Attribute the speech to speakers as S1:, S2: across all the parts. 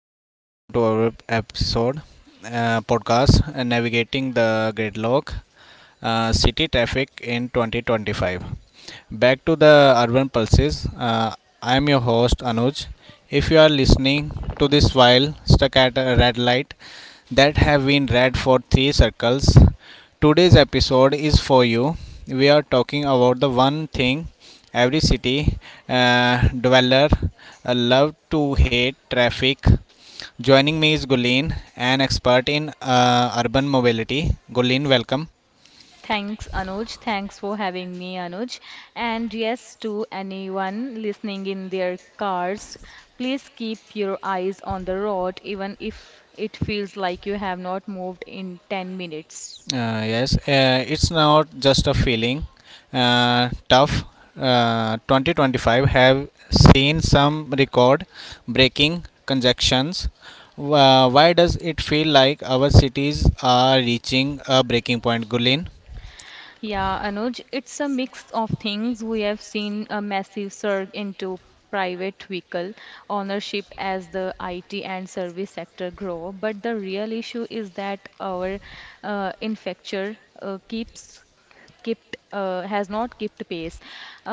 S1: and welcome to our episode podcast, navigating the gridlock, city traffic in 2025, back to the urban pulses. I am your host Anuj. If you are listening to this while stuck at a red light that have been read for three circles, today's episode is for you. We are talking about the one thing every city dweller love to hate: traffic. Joining me is Gulleen, an expert in urban mobility. Gulleen, welcome.
S2: Thanks, Anuj. Thanks for having me, Anuj. And yes, to anyone listening in their cars, please keep your eyes on the road, even if it feels like you have not moved in 10 minutes.
S1: Yes, it's not just a feeling. Tough. 2025 have seen some record-breaking conjunctions. Why does it feel like our cities are reaching a breaking point, Gulin?
S2: Yeah, Anuj, it's a mix of things. We have seen a massive surge into private vehicle ownership as the IT and service sector grow, but the real issue is that our infrastructure keeps kept has not kept pace.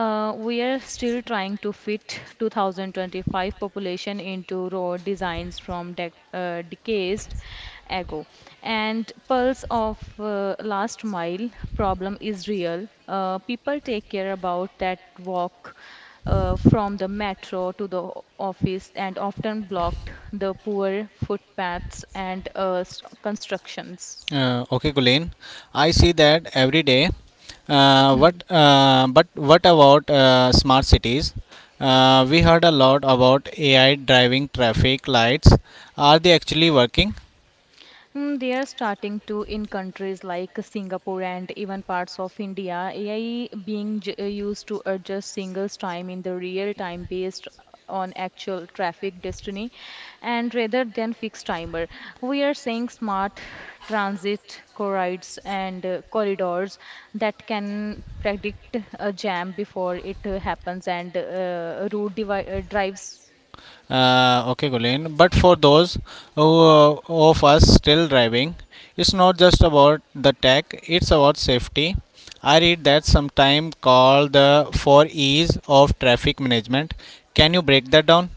S2: We are still trying to fit 2025 population into road designs from decades ago. And pulse of last mile problem is real. People take care about that walk from the metro to the office and often blocked the poor footpaths and constructions.
S1: Okay, Gulin. I see that every day.
S2: Hmm.
S1: What? But what about smart cities? We heard a lot about AI driving traffic lights. Are they actually working?
S2: Mm, they are starting to in countries like Singapore and even parts of India, AI being used to adjust singles time in the real time based on actual traffic destiny and rather than fixed timer. We are seeing smart transit corridors and corridors that can predict a jam before it happens and route drives.
S1: Okay, Gulen. But for those of us still driving, it's not just about the tech; it's about safety. I read that sometime called the for ease of traffic management. Can you break that down?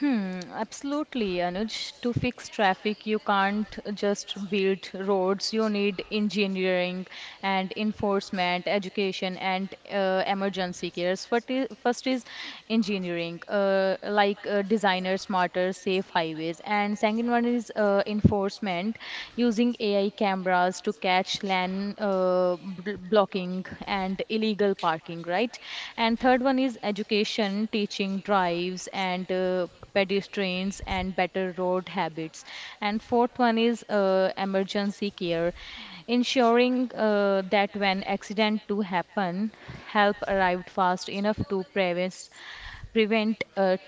S2: Hmm, absolutely, Anuj. To fix traffic, you can't just build roads. You need engineering and enforcement, education, and emergency cares. First is engineering, designer smarter, safe highways. And second one is enforcement, using AI cameras to catch land blocking and illegal parking, right? And third one is education, teaching drives and pedestrians and better road habits. And fourth one is emergency care, ensuring that when accident do happen, help arrived fast enough to prevent a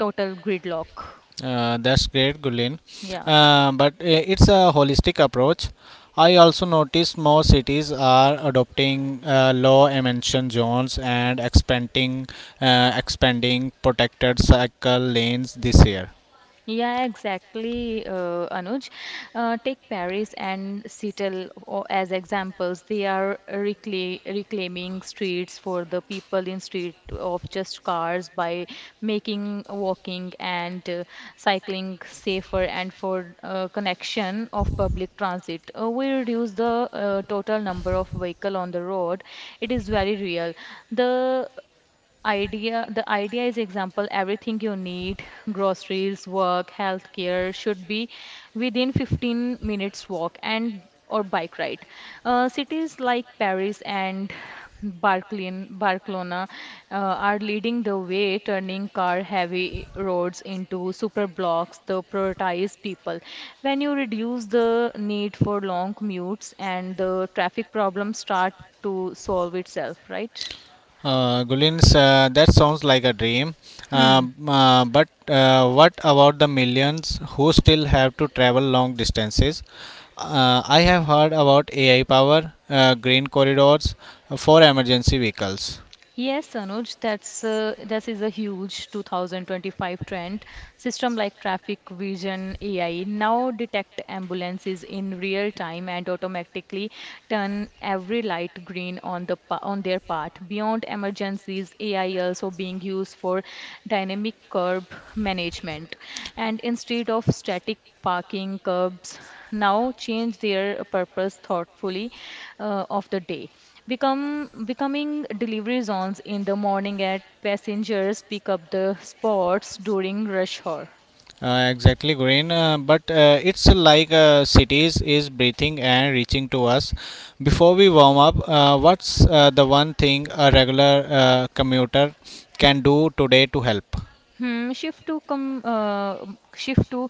S2: total gridlock.
S1: That's great, Gulen.
S2: Yeah.
S1: But it's a holistic approach. I also noticed more cities are adopting low emission zones and expanding protected cycle lanes this year.
S2: Yeah, exactly, Anuj. Take Paris and Seattle as examples. They are reclaiming streets for the people in street of just cars by making walking and cycling safer and for connection of public transit. We reduce the total number of vehicle on the road. It is very real. The the idea is example everything you need groceries work healthcare should be within 15 minutes walk and or bike ride, cities like Paris and Barcelona are leading the way, turning car-heavy roads into super blocks that prioritize people. When you reduce the need for long commutes, and the traffic problems start to solve itself, right?
S1: Gulins, that sounds like a dream.
S2: Hmm.
S1: But what about the millions who still have to travel long distances? I have heard about AI power, green corridors for emergency vehicles.
S2: Yes, Anuj, that's this is a huge 2025 trend. System like traffic vision AI now detect ambulances in real time and automatically turn every light green on on their part. Beyond emergencies, AI also being used for dynamic curb management, and instead of static parking curbs now change their purpose thoughtfully of the day become becoming delivery zones in the morning at passengers pick up the spots during rush hour.
S1: Exactly, green. But it's like cities is breathing and reaching to us. Before we warm up, what's the one thing a regular commuter can do today to help?
S2: Hmm, shift to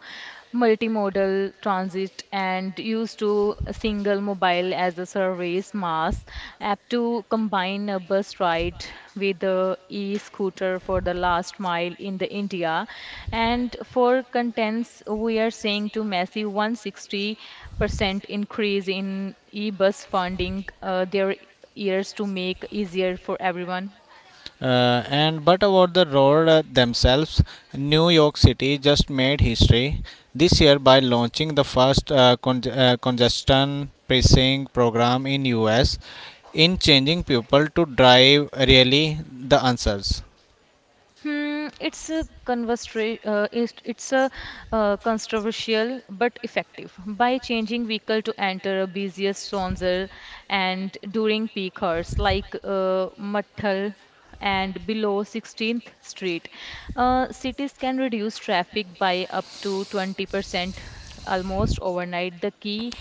S2: multimodal transit and use to a single mobile as a service mass app to combine a bus ride with the e-scooter for the last mile in the India. And for contents, we are seeing to massive 160% increase in e-bus funding their years to make easier for everyone.
S1: And but about the road themselves, New York City just made history this year by launching the first congestion pricing program in US, in changing people to drive really the answers.
S2: Hmm, it's a conversation. It's a controversial but effective by changing vehicle to enter a busiest zonal and during peak hours like Mathal and below 16th Street. Cities can reduce traffic by up to 20% almost overnight. The key,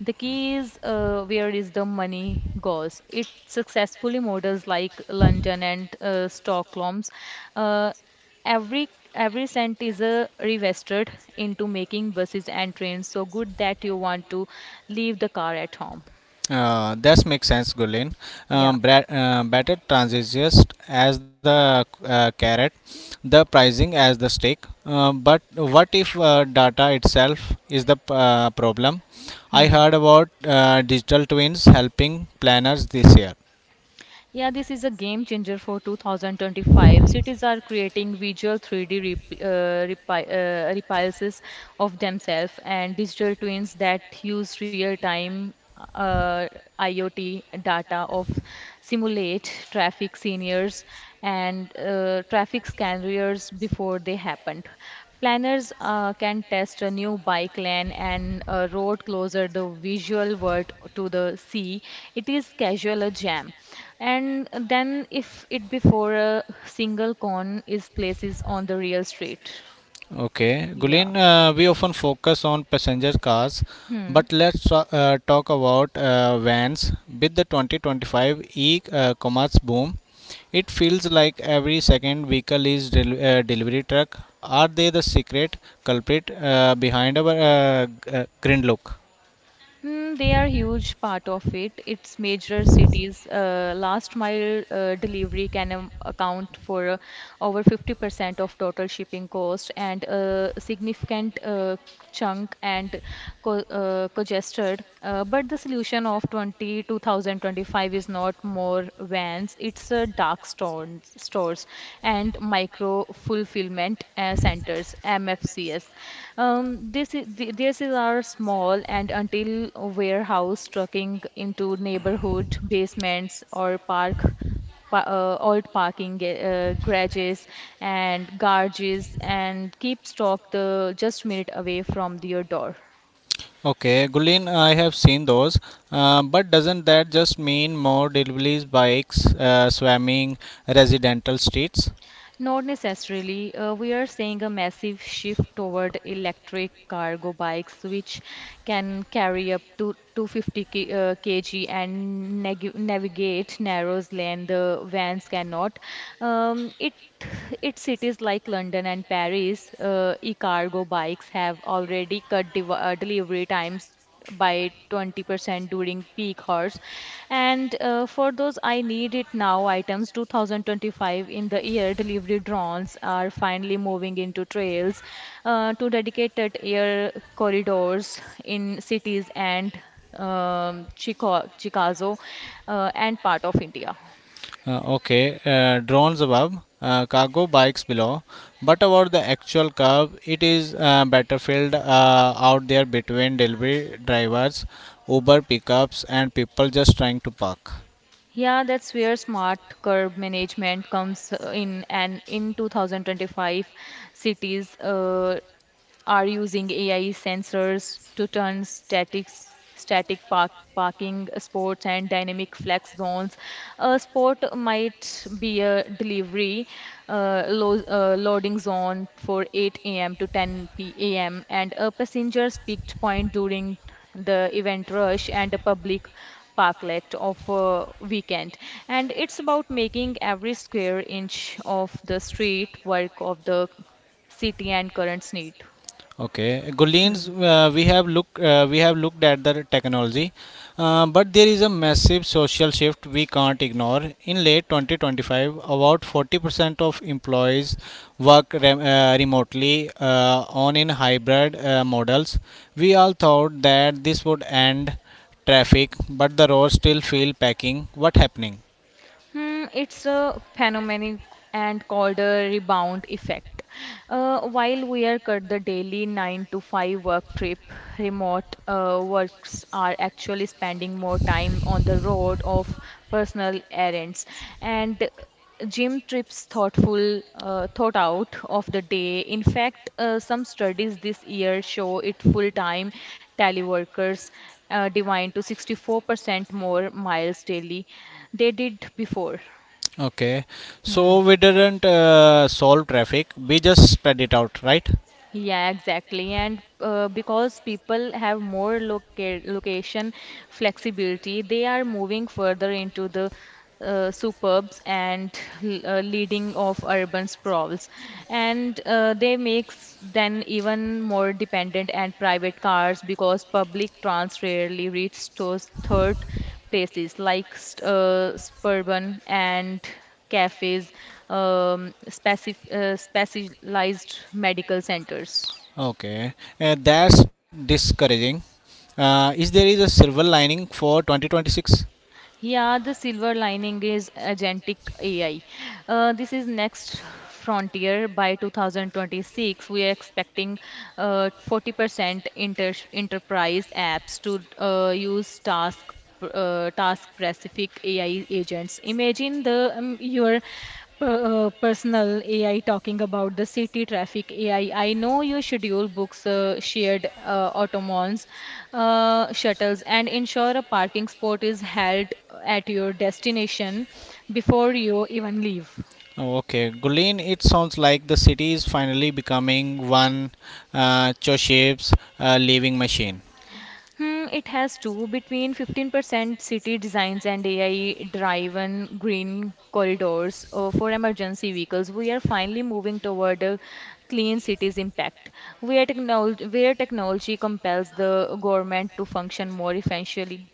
S2: the key is where is the money goes. It successfully models like London and Stockholm's. Uh, every cent is reinvested into making buses and trains so good that you want to leave the car at home.
S1: That makes sense, Gulen.
S2: Yeah.
S1: Better transitions as the carrot, the pricing as the stake. But what if data itself is the problem? I
S2: Hmm.
S1: heard about digital twins helping planners this year.
S2: Yeah, this is a game changer for 2025. Cities are creating visual 3D repulses of themselves and digital twins that use real-time uh, IoT data of simulate traffic scenarios and traffic scenarios before they happened. Planners can test a new bike lane and a road closer the visual word to the sea. It is casual a jam. And then if it before a single cone is places on the real street.
S1: Okay,
S2: Yeah.
S1: Gulin, we often focus on passenger cars,
S2: Hmm.
S1: but let's talk about vans. With the 2025 e-commerce boom, it feels like every second vehicle is delivery truck. Are they the secret culprit behind our green look?
S2: Mm, they are huge part of it. It's major cities. Last mile delivery can account for over 50% of total shipping cost and a significant chunk and co congested. But the solution of twenty two thousand twenty five is not more vans. It's a dark storm, stores and micro fulfillment centers MFCS. This is our small and until warehouse trucking into neighborhood basements or park pa- old parking ga- garages and garages and keep stock the just minute away from your door.
S1: Okay, Gulin, I have seen those, but doesn't that just mean more deliveries, bikes, swarming residential streets?
S2: Not necessarily. We are seeing a massive shift toward electric cargo bikes, which can carry up to 250 kg and nag navigate narrow lane the vans cannot. It its cities like London and Paris, e-cargo bikes have already cut delivery times by 20% during peak hours and for those I need it now items 2025 in the year delivery drones are finally moving into trails to dedicated air corridors in cities and Chicago and part of India.
S1: Okay, drones above, cargo bikes below. But about the actual curve, it is battlefield out there between delivery drivers, Uber pickups, and people just trying to park.
S2: Yeah, that's where smart curb management comes in, and in 2025, cities are using AI sensors to turn static parking spots and dynamic flex zones. A spot might be a delivery loading zone for 8 a.m. to 10 p.m. and a passenger's peaked point during the event rush and a public parklet of a weekend, and it's about making every square inch of the street work of the city and currents need.
S1: Okay, Guleens, we have looked at the technology, but there is a massive social shift we can't ignore. In late 2025, about 40% of employees work remotely on in hybrid models. We all thought that this would end traffic, but the roads still feel packing. What happening?
S2: Hmm, it's a phenomenon and called a rebound effect. While we are cut the daily 9 to 5 work trip, remote works are actually spending more time on the road of personal errands. And gym trips thought out of the day. In fact, some studies this year show it full-time teleworkers divine to 64% more miles daily they did before.
S1: Okay,
S2: Hmm.
S1: so we didn't solve traffic. We just spread it out, right?
S2: Yeah, exactly. And because people have more location flexibility, they are moving further into the suburbs and leading of urban sprawls. And they makes then even more dependent and private cars because public trans rarely reach those third places like suburban and cafes, um, specialized medical centers.
S1: Okay, that's discouraging. Is there is a silver lining for 2026?
S2: Yeah, the silver lining is agentic AI. This is next frontier. By 2026, we are expecting 40% inter enterprise apps to use task task-specific AI agents. Imagine the your personal AI talking about the city traffic AI. I know you schedule books, shared shuttles, and ensure a parking spot is held at your destination before you even leave.
S1: Oh, okay, Gulen, it sounds like the city is finally becoming one Choshev's living machine.
S2: Hmm, it has to between 15% city designs and AI-driven green corridors for emergency vehicles. We are finally moving toward a clean cities impact, where technology compels the government to function more efficiently.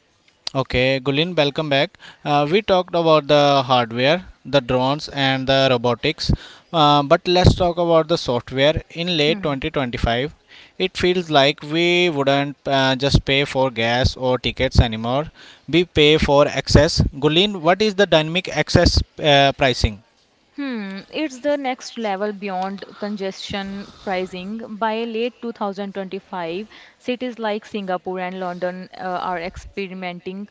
S1: Okay, Gulin, welcome back. We talked about the hardware, the drones, and the robotics, but let's talk about the software. In late
S2: Hmm.
S1: 2025, it feels like we wouldn't just pay for gas or tickets anymore. We pay for access. Gulin, what is the dynamic access pricing?
S2: Hmm, it's the next level beyond congestion pricing. By late 2025, cities like Singapore and London are experimenting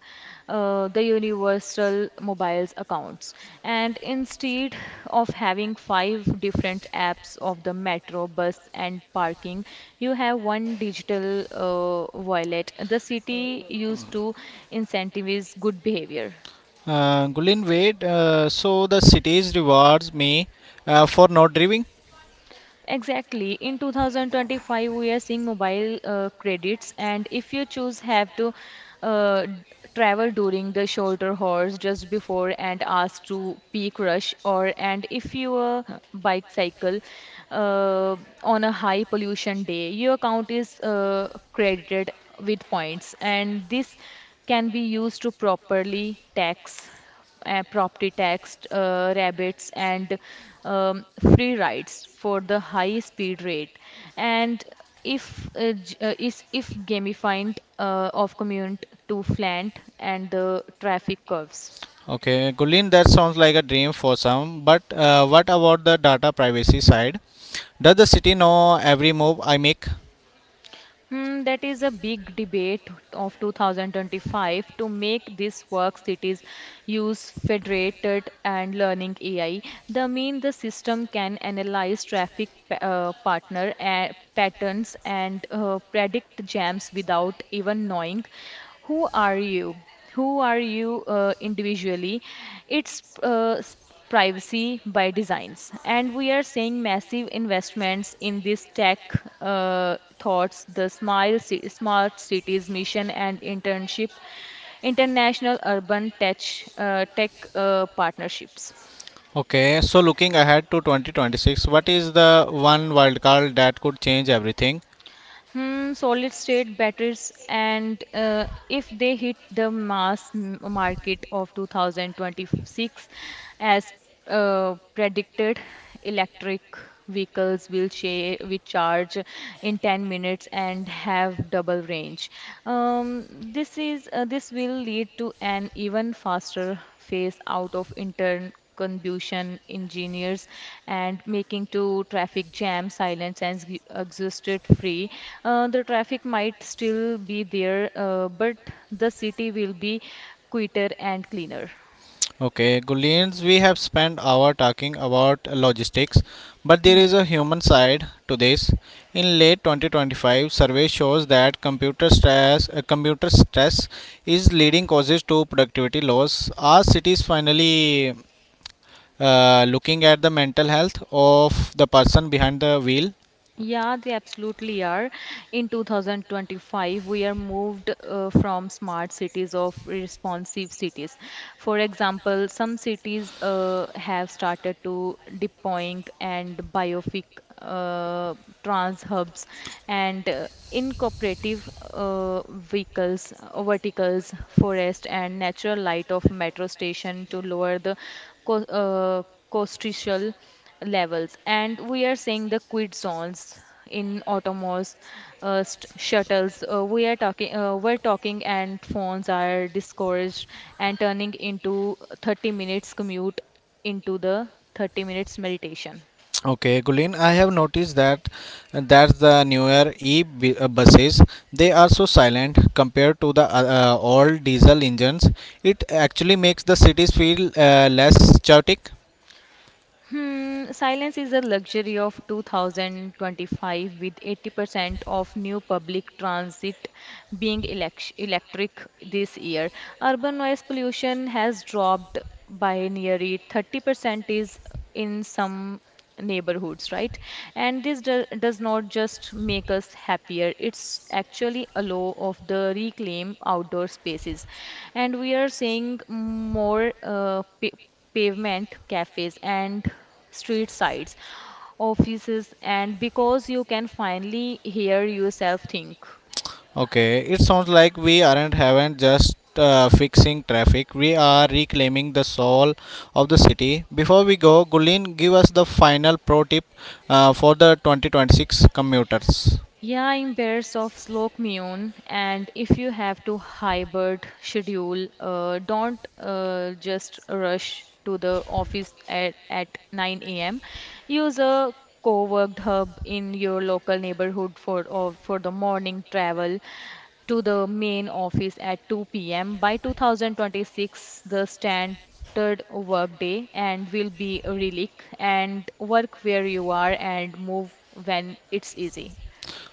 S2: the universal mobiles accounts. And instead of having 5 different apps of the metro, bus, and parking, you have one digital wallet. The city used to incentivize good behavior.
S1: Gulin, wait. So the cities rewards me for not driving.
S2: Exactly. In 2025, we are seeing mobile credits, and if you choose, have to uh, d- travel during the shoulder hours just before and ask to peak rush, or and if you are bike cycle uh, on a high pollution day, your account is credited with points, and this can be used to properly tax property tax, rabates, and um, free rides for the high speed rate. And if j- is if gamified of commute to flant and the traffic curves.
S1: Okay, Gulin, that sounds like a dream for some, but what about the data privacy side? Does the city know every move I make?
S2: Hmm, that is a big debate of 2025 to make this work cities use federated and learning AI. The mean the system can analyze traffic pa- partner patterns and predict jams without even knowing who are you who are you individually, it's privacy by designs, and we are seeing massive investments in this tech thoughts the smart cities mission and internship international urban tech partnerships.
S1: Okay, so looking ahead to 2026, what is the one wildcard that could change everything?
S2: Hmm, solid state batteries, and if they hit the mass market of 2026 as predicted, electric vehicles will charge in 10 minutes and have double range. Um, this will lead to an even faster phase out of intern confusion engineers and making to traffic jam silence and exhausted free. Uh, the traffic might still be there, but the city will be quieter and cleaner.
S1: Okay, Gulians, we have spent hour talking about logistics, but there
S2: Hmm.
S1: is a human side to this. In late 2025, survey shows that computer stress is leading causes to productivity loss. Are cities finally looking at the mental health of the person behind the wheel?
S2: Yeah, they absolutely are. In 2025, we are moved from smart cities of responsive cities. For example, some cities have started to deploying and biofic uh, trans hubs and incorporative vehicles, verticals, forest, and natural light of metro station to lower the co costial levels. And we are seeing the quit zones in autonomous shuttles. We are talking we're talking and phones are discouraged and turning into 30 minutes commute into the 30 minutes meditation.
S1: Okay, Gulin, I have noticed that that's the newer buses. They are so silent compared to the old diesel engines. It actually makes the cities feel less chaotic.
S2: Hmm, silence is a luxury of 2025, with 80% of new public transit being electric this year. Urban noise pollution has dropped by nearly 30% is in some neighborhoods, right? And does not just make us happier, it's actually a law of the reclaim outdoor spaces. And we are seeing more pavement cafes and street sides, offices, and because you can finally hear yourself think.
S1: Okay, it sounds like we aren't haven't just fixing traffic. We are reclaiming the soul of the city. Before we go, Gulin, give us the final pro tip for the 2026 commuters.
S2: Yeah, I'm pairs of Slow-Commune, and if you have to hybrid schedule, don't just rush to the office at 9 a.m. Use a co-worked hub in your local neighborhood for or for the morning travel to the main office at 2 p.m. By 2026, the standard workday and will be a relic, and work where you are and move when it's easy.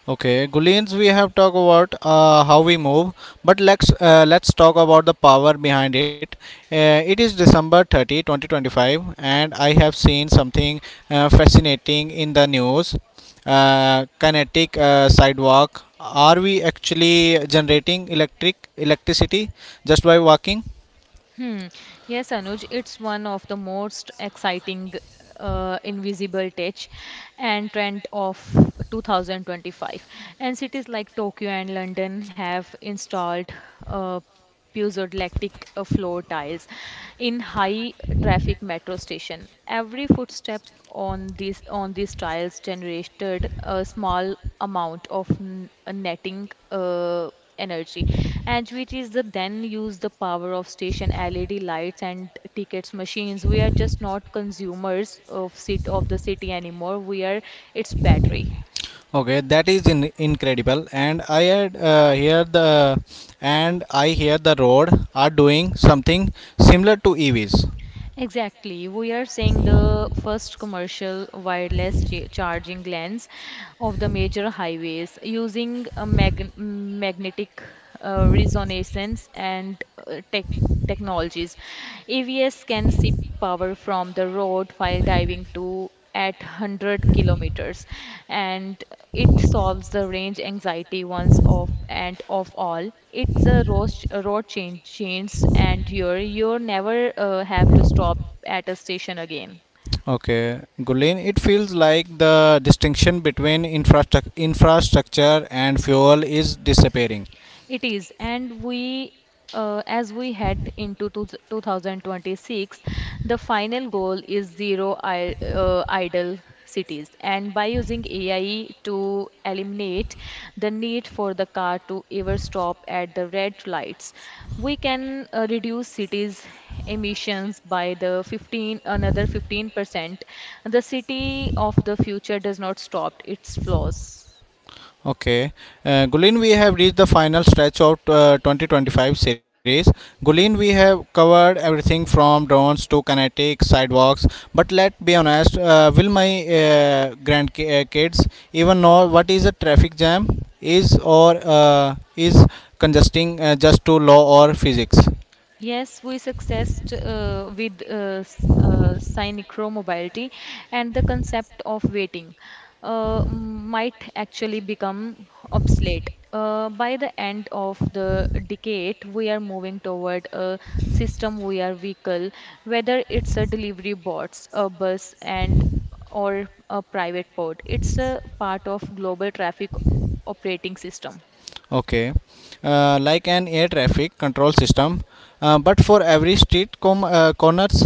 S1: Okay, Guleens, we have talked about how we move, but let's talk about the power behind it. It is December 30, 2025, and I have seen something fascinating in the news. Kinetic sidewalk. Are we actually generating electricity just by walking?
S2: Hmm. Yes, Anuj, it's one of the most exciting invisible touch and trend of 2025. And cities like Tokyo and London have installed uh, piezoelectric floor tiles in high traffic metro station. Every footstep on these tiles generated a small amount of netting energy, and which is the then use the power of station led lights and tickets machines. We are just not consumers of cit of the city anymore, we are its battery.
S1: Okay, that is incredible. And I hear the road are doing something similar to EVs.
S2: Exactly. We are seeing the first commercial wireless ch charging lens of the major highways using a magnetic resonance and technologies. AVS can sip power from the road while diving to at 100 kilometers, and it solves the range anxiety once of and of all. It's a a road change, and you never have to stop at a station again.
S1: Okay, Gulen, it feels like the distinction between infrastructure and fuel is disappearing.
S2: It is, and as we head into 2026, the final goal is zero idle cities. And by using AI to eliminate the need for the car to ever stop at the red lights, we can reduce cities' emissions by the 15 another 15%. The city of the future does not stop; it flows.
S1: Okay, Gulen, we have reached the final stretch of 2025 series. Gulen, we have covered everything from drones to kinetic sidewalks. But let's be honest, will my grandkids even know what is a traffic jam is, or is congesting just to law or physics?
S2: Yes, we successed with synchromobility, and the concept of waiting might actually become obsolete. By the end of the decade, we are moving toward a system where vehicle, whether it's a delivery bots, a bus, and or a private pod, it's a part of global traffic operating system.
S1: Okay, like an air traffic control system, but for every street corners.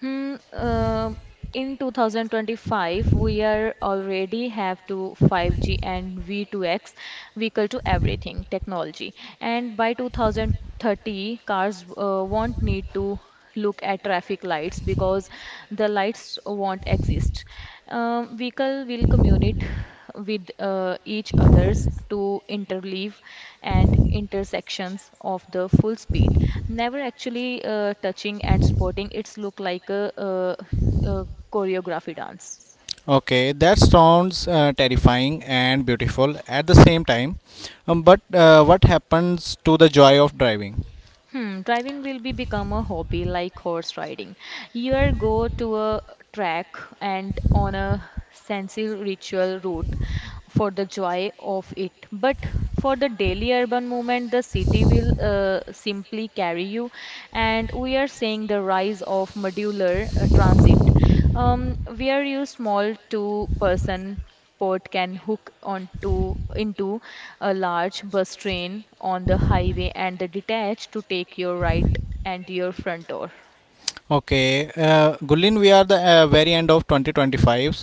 S2: Hmm, um in 2025, we are already have to 5G and V2X vehicle to everything technology, and by 2030, cars won't need to look at traffic lights because the lights won't exist. Vehicle will communicate with each others to interleave and intersections of the full speed, never actually touching and spotting its look like a, uh choreography dance.
S1: Okay, that sounds terrifying and beautiful at the same time. But what happens to the joy of driving?
S2: Hmm, driving will be become a hobby like horse riding. Here go to a track and on a sensi ritual route for the joy of it. But for the daily urban movement, the city will simply carry you. And we are seeing the rise of modular transit, where you small two-person port can hook onto into a large bus train on the highway and the detach to take your right and your front door.
S1: Okay, Gulin, we are the very end of 2025.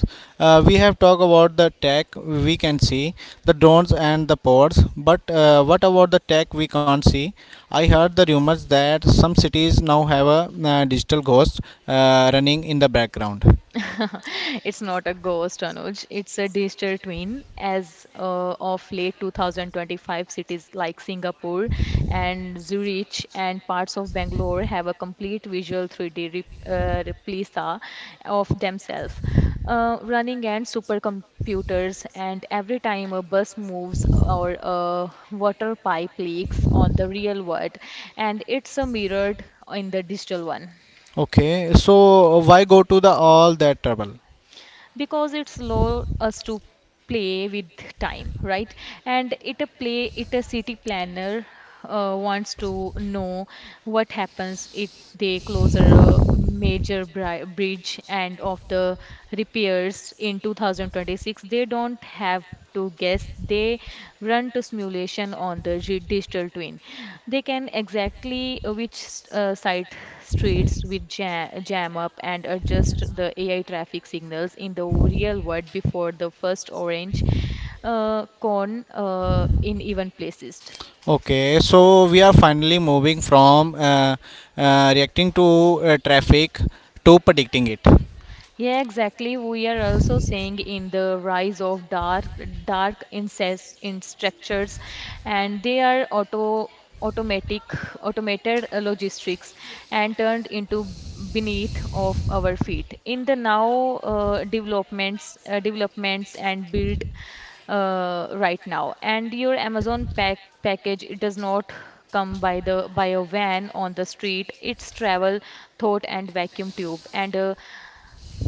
S1: We have talked about the tech we can see, the drones and the pods, but what about the tech we can't see? I heard the rumors that some cities now have a digital ghost running in the background.
S2: It's not a ghost, Anuj. It's a digital twin. As of late 2025, cities like Singapore and Zurich and parts of Bangalore have a complete visual 3D re replica of themselves, running and supercomputers. And every time a bus moves or a water pipe leaks on the real world, and it's a mirrored in the digital one.
S1: Okay, so why go to the all that trouble?
S2: Because it's allow us to play with time, right, and it a play it a city planner wants to know what happens if they close a major bridge and of the repairs in 2026, they don't have to guess, they run to simulation on the digital twin. They can exactly which site streets with jam up and adjust the AI traffic signals in the real world before the first orange cone in even places.
S1: Okay, so we are finally moving from reacting to traffic to predicting it.
S2: Yeah, exactly. We are also seeing in the rise of dark incest in structures, and they are automatic automated logistics and turned into beneath of our feet. In the now developments and build right now. And your Amazon pack package, it does not come by a van on the street. It's travel, thought, and vacuum tube. And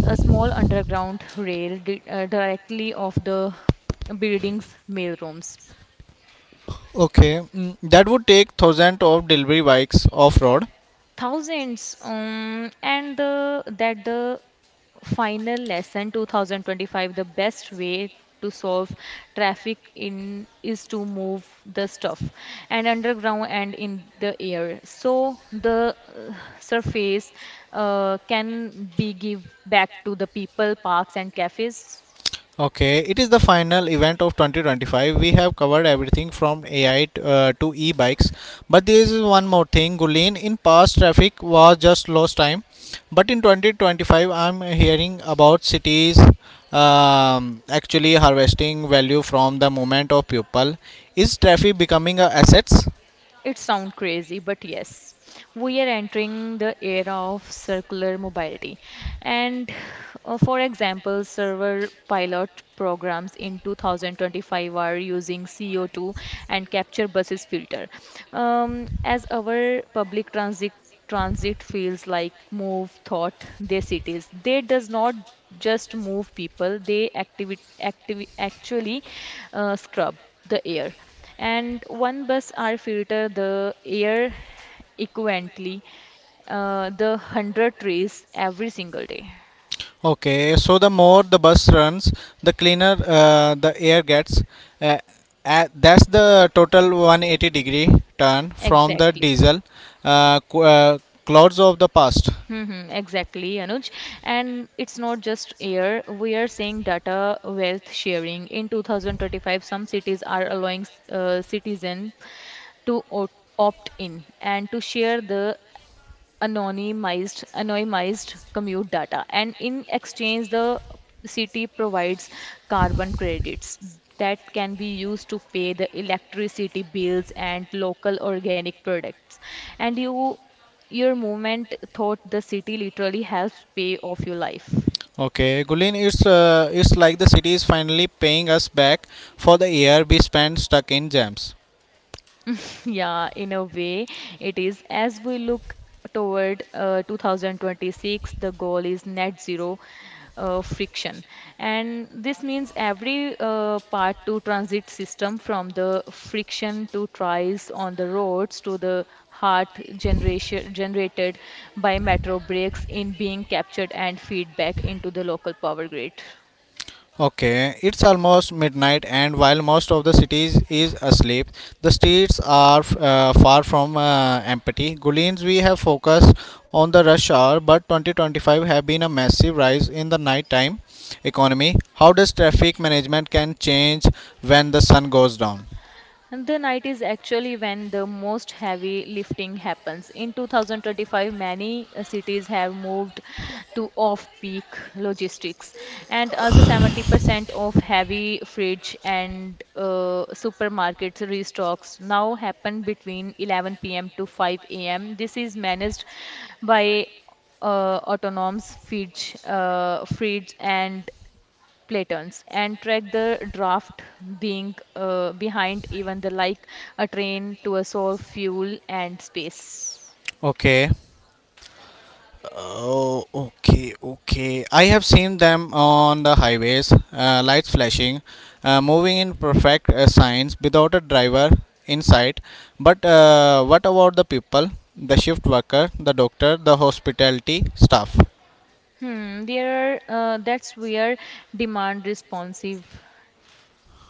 S2: a small underground rail di directly off the building's mailrooms.
S1: Okay, mm, that would take thousands of delivery bikes off road.
S2: Thousands, and the, that the final lesson 2025, the best way to solve traffic in is to move the stuff and underground and in the air. So the surface can be give back to the people, parks and cafes.
S1: Okay, it is the final event of 2025. We have covered everything from AI to e bikes, but there is one more thing, Gulin. In past, traffic was just lost time, but in 2025, I'm hearing about cities actually harvesting value from the movement of people. Is traffic becoming a assets?
S2: It sounds crazy, but yes, we are entering the era of circular mobility. And for example, several pilot programs in 2025 are using CO2 and capture buses filter, as our public transit feels like move thought their cities. They does not just move people, they actually scrub the air, and one bus are filter the air equivalently the 100 trees every single day.
S1: Okay, so the more the bus runs, the cleaner the air gets. Uh, that's the total 180-degree turn from the
S2: Exactly.
S1: diesel uh, qu- uh, clouds of the past.
S2: Mm-hmm, exactly, Anuj. And it's not just air. We are seeing data wealth sharing. In 2025, some cities are allowing citizens to opt in and to share the anonymized commute data, and in exchange the city provides carbon credits that can be used to pay the electricity bills and local organic products, and you your movement thought the city literally helps pay off your life.
S1: Okay, Gulin, it's like the city is finally paying us back for the year we spent stuck in jams.
S2: Yeah, in a way, it is. As we look toward 2026, the goal is net zero friction. And this means every part to transit system, from the friction to trials on the roads to the heart generation generated by metro breaks in being captured and feedback into the local power grid.
S1: Okay, it's almost midnight, and while most of the cities is asleep, the streets are far from empty. Gulians, we have focused on the rush hour, but 2025 have been a massive rise in the nighttime economy. How does traffic management can change when the sun goes down?
S2: The night is actually when the most heavy lifting happens. In 2025, many cities have moved to off-peak logistics, and also 70% of heavy fridge and supermarkets restocks now happen between 11 p.m. to 5 a.m. This is managed by autonomous fridge and Platons and track the draft being behind even the like a train to a soul fuel and space.
S1: Okay. Oh, okay, okay. I have seen them on the highways, lights flashing, moving in perfect signs without a driver in sight. But what about the people, the shift worker, the doctor, the hospitality staff?
S2: Hmm, that's where demand responsive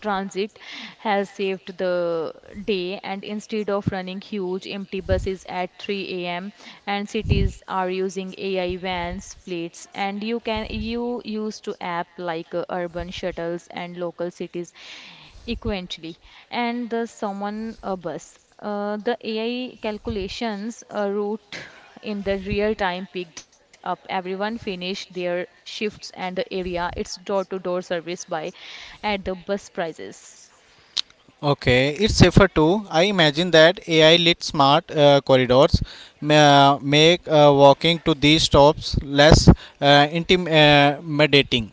S2: transit has saved the day, and instead of running huge empty buses at 3 a.m. and cities are using AI vans fleets. And you can you use to app like urban shuttles and local cities equivalently, and the someone a bus, the AI calculations route in the real time picked up. Everyone finished their shifts and the area its door to door service by at the bus prices.
S1: Okay, it's safer too. I imagine that AI lit smart corridors make walking to these stops less intimidating.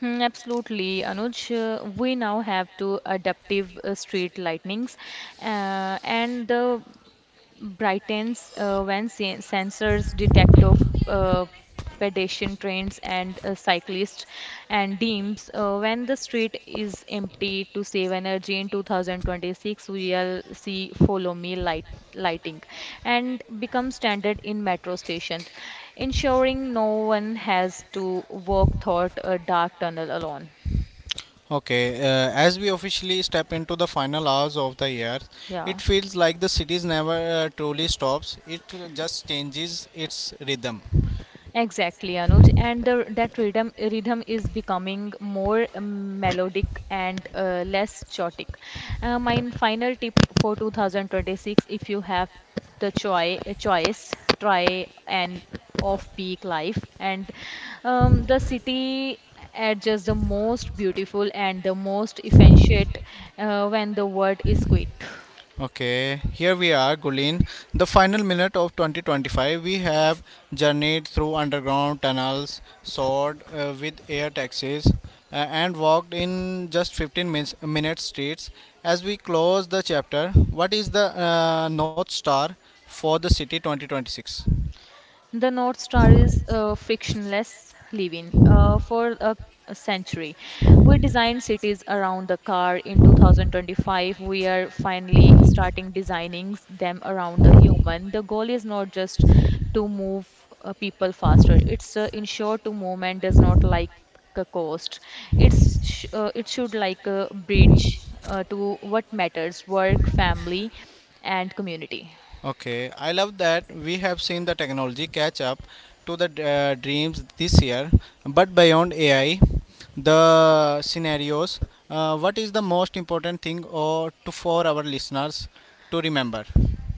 S2: Hmm, absolutely, Anuj. We now have to adaptive street lightnings, and the brightens when sensors detect of uh, pedestrian trains and cyclists and dims when the street is empty to save energy. In 2026, we'll see follow me lighting and become standard in metro stations, ensuring no one has to walk through a dark tunnel alone.
S1: Okay, as we officially step into the final hours of the year, it
S2: Yeah.
S1: feels like the cities never truly stops. It just changes its rhythm.
S2: Exactly, Anuj, and the, that rhythm is becoming more, melodic and less chaotic. My final tip for 2026: if you have the choice, try an off-peak life, and the city adjusts the most beautiful and the most efficient when the world is quiet.
S1: Okay, here we are, Gulin. The final minute of 2025, we have journeyed through underground tunnels, soared with air taxis, and walked in just minute streets. As we close the chapter, what is the North Star for the city 2026?
S2: The North Star is a frictionless living for a century. We designed cities around the car in 2025. We are finally starting designing them around the human. The goal is not just to move people faster, it's to ensure to movement does not like a cost. It should like a bridge to what matters: work, family, and community.
S1: Okay, I love that we have seen the technology catch up to the dreams this year, but beyond AI, the scenarios, what is the most important thing or to for our listeners to remember?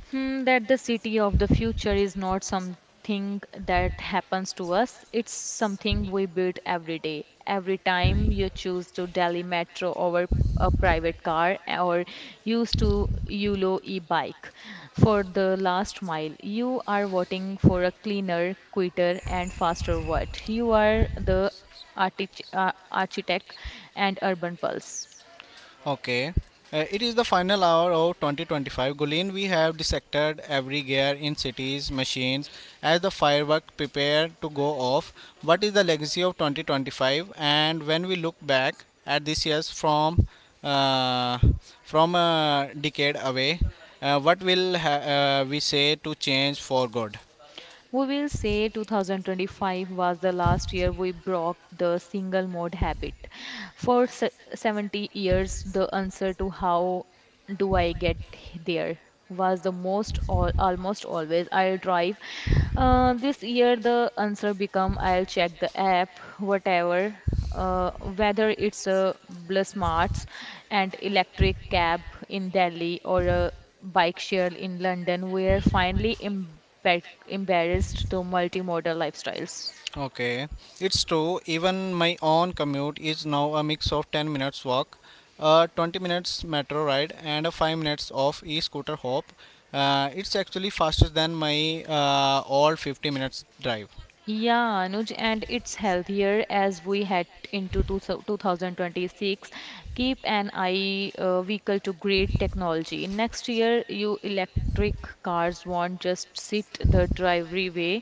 S2: Hmm, that the city of the future is not something that happens to us. It's something we build every day. Every time you choose to Delhi metro over a private car or use to Yulo e-bike for the last mile, you are voting for a cleaner, quicker, and faster world. You are the architect and urban pulse.
S1: Okay. It is the final hour of 2025. Gulen, we have dissected every gear in cities, machines, as the firework prepare to go off. What is the legacy of 2025? And when we look back at this year's uh, from a decade away, what will we say to change for good?
S2: We will say 2025 was the last year we broke the single mode habit. For 70 years, the answer to how do I get there was almost always I'll drive. This year the answer become I'll check the app, whatever whether it's a Bus Smarts and electric cab in Delhi or a bike share in London. We're finally embarrassed to multimodal lifestyles.
S1: Okay, it's true. Even my own commute is now a mix of 10 minutes walk, 20 minutes metro ride, and a 5 minutes of e scooter hop. It's actually faster than my all 50 minutes drive.
S2: Yeah, Anuj, and it's healthier as we head into 2026. Keep an eye vehicle to grid technology. Next year, you electric cars won't just sit the driveway.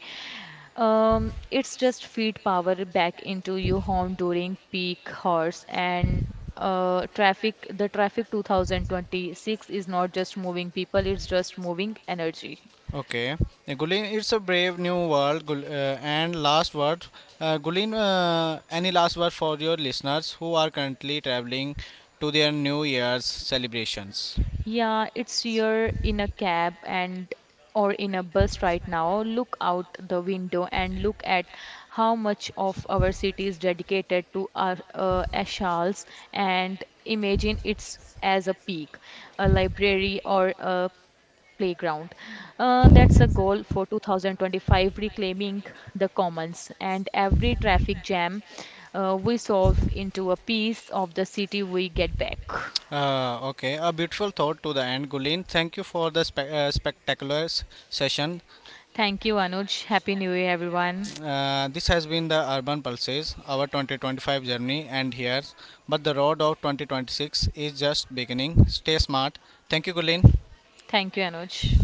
S2: It's just feed power back into your home during peak hours and traffic. The traffic 2026 is not just moving people; it's just moving energy.
S1: Okay. Gulin, it's a brave new world. And last word, Gulin, any last word for your listeners who are currently traveling to their New Year's celebrations?
S2: Yeah, it's you're in a cab and or in a bus right now. Look out the window and look at how much of our city is dedicated to our ashals and imagine it's as a peak, a library or a playground. That's a goal for 2025, reclaiming the commons, and every traffic jam we solve into a piece of the city we get back.
S1: Okay, a beautiful thought to the end, Gulin. Thank you for the spectacular session.
S2: Thank you, Anuj. Happy New Year, everyone.
S1: This has been the Urban Pulses, our 2025 journey, and here, but the road of 2026 is just beginning. Stay smart. Thank you, Gulin.
S2: Thank you, Anuj.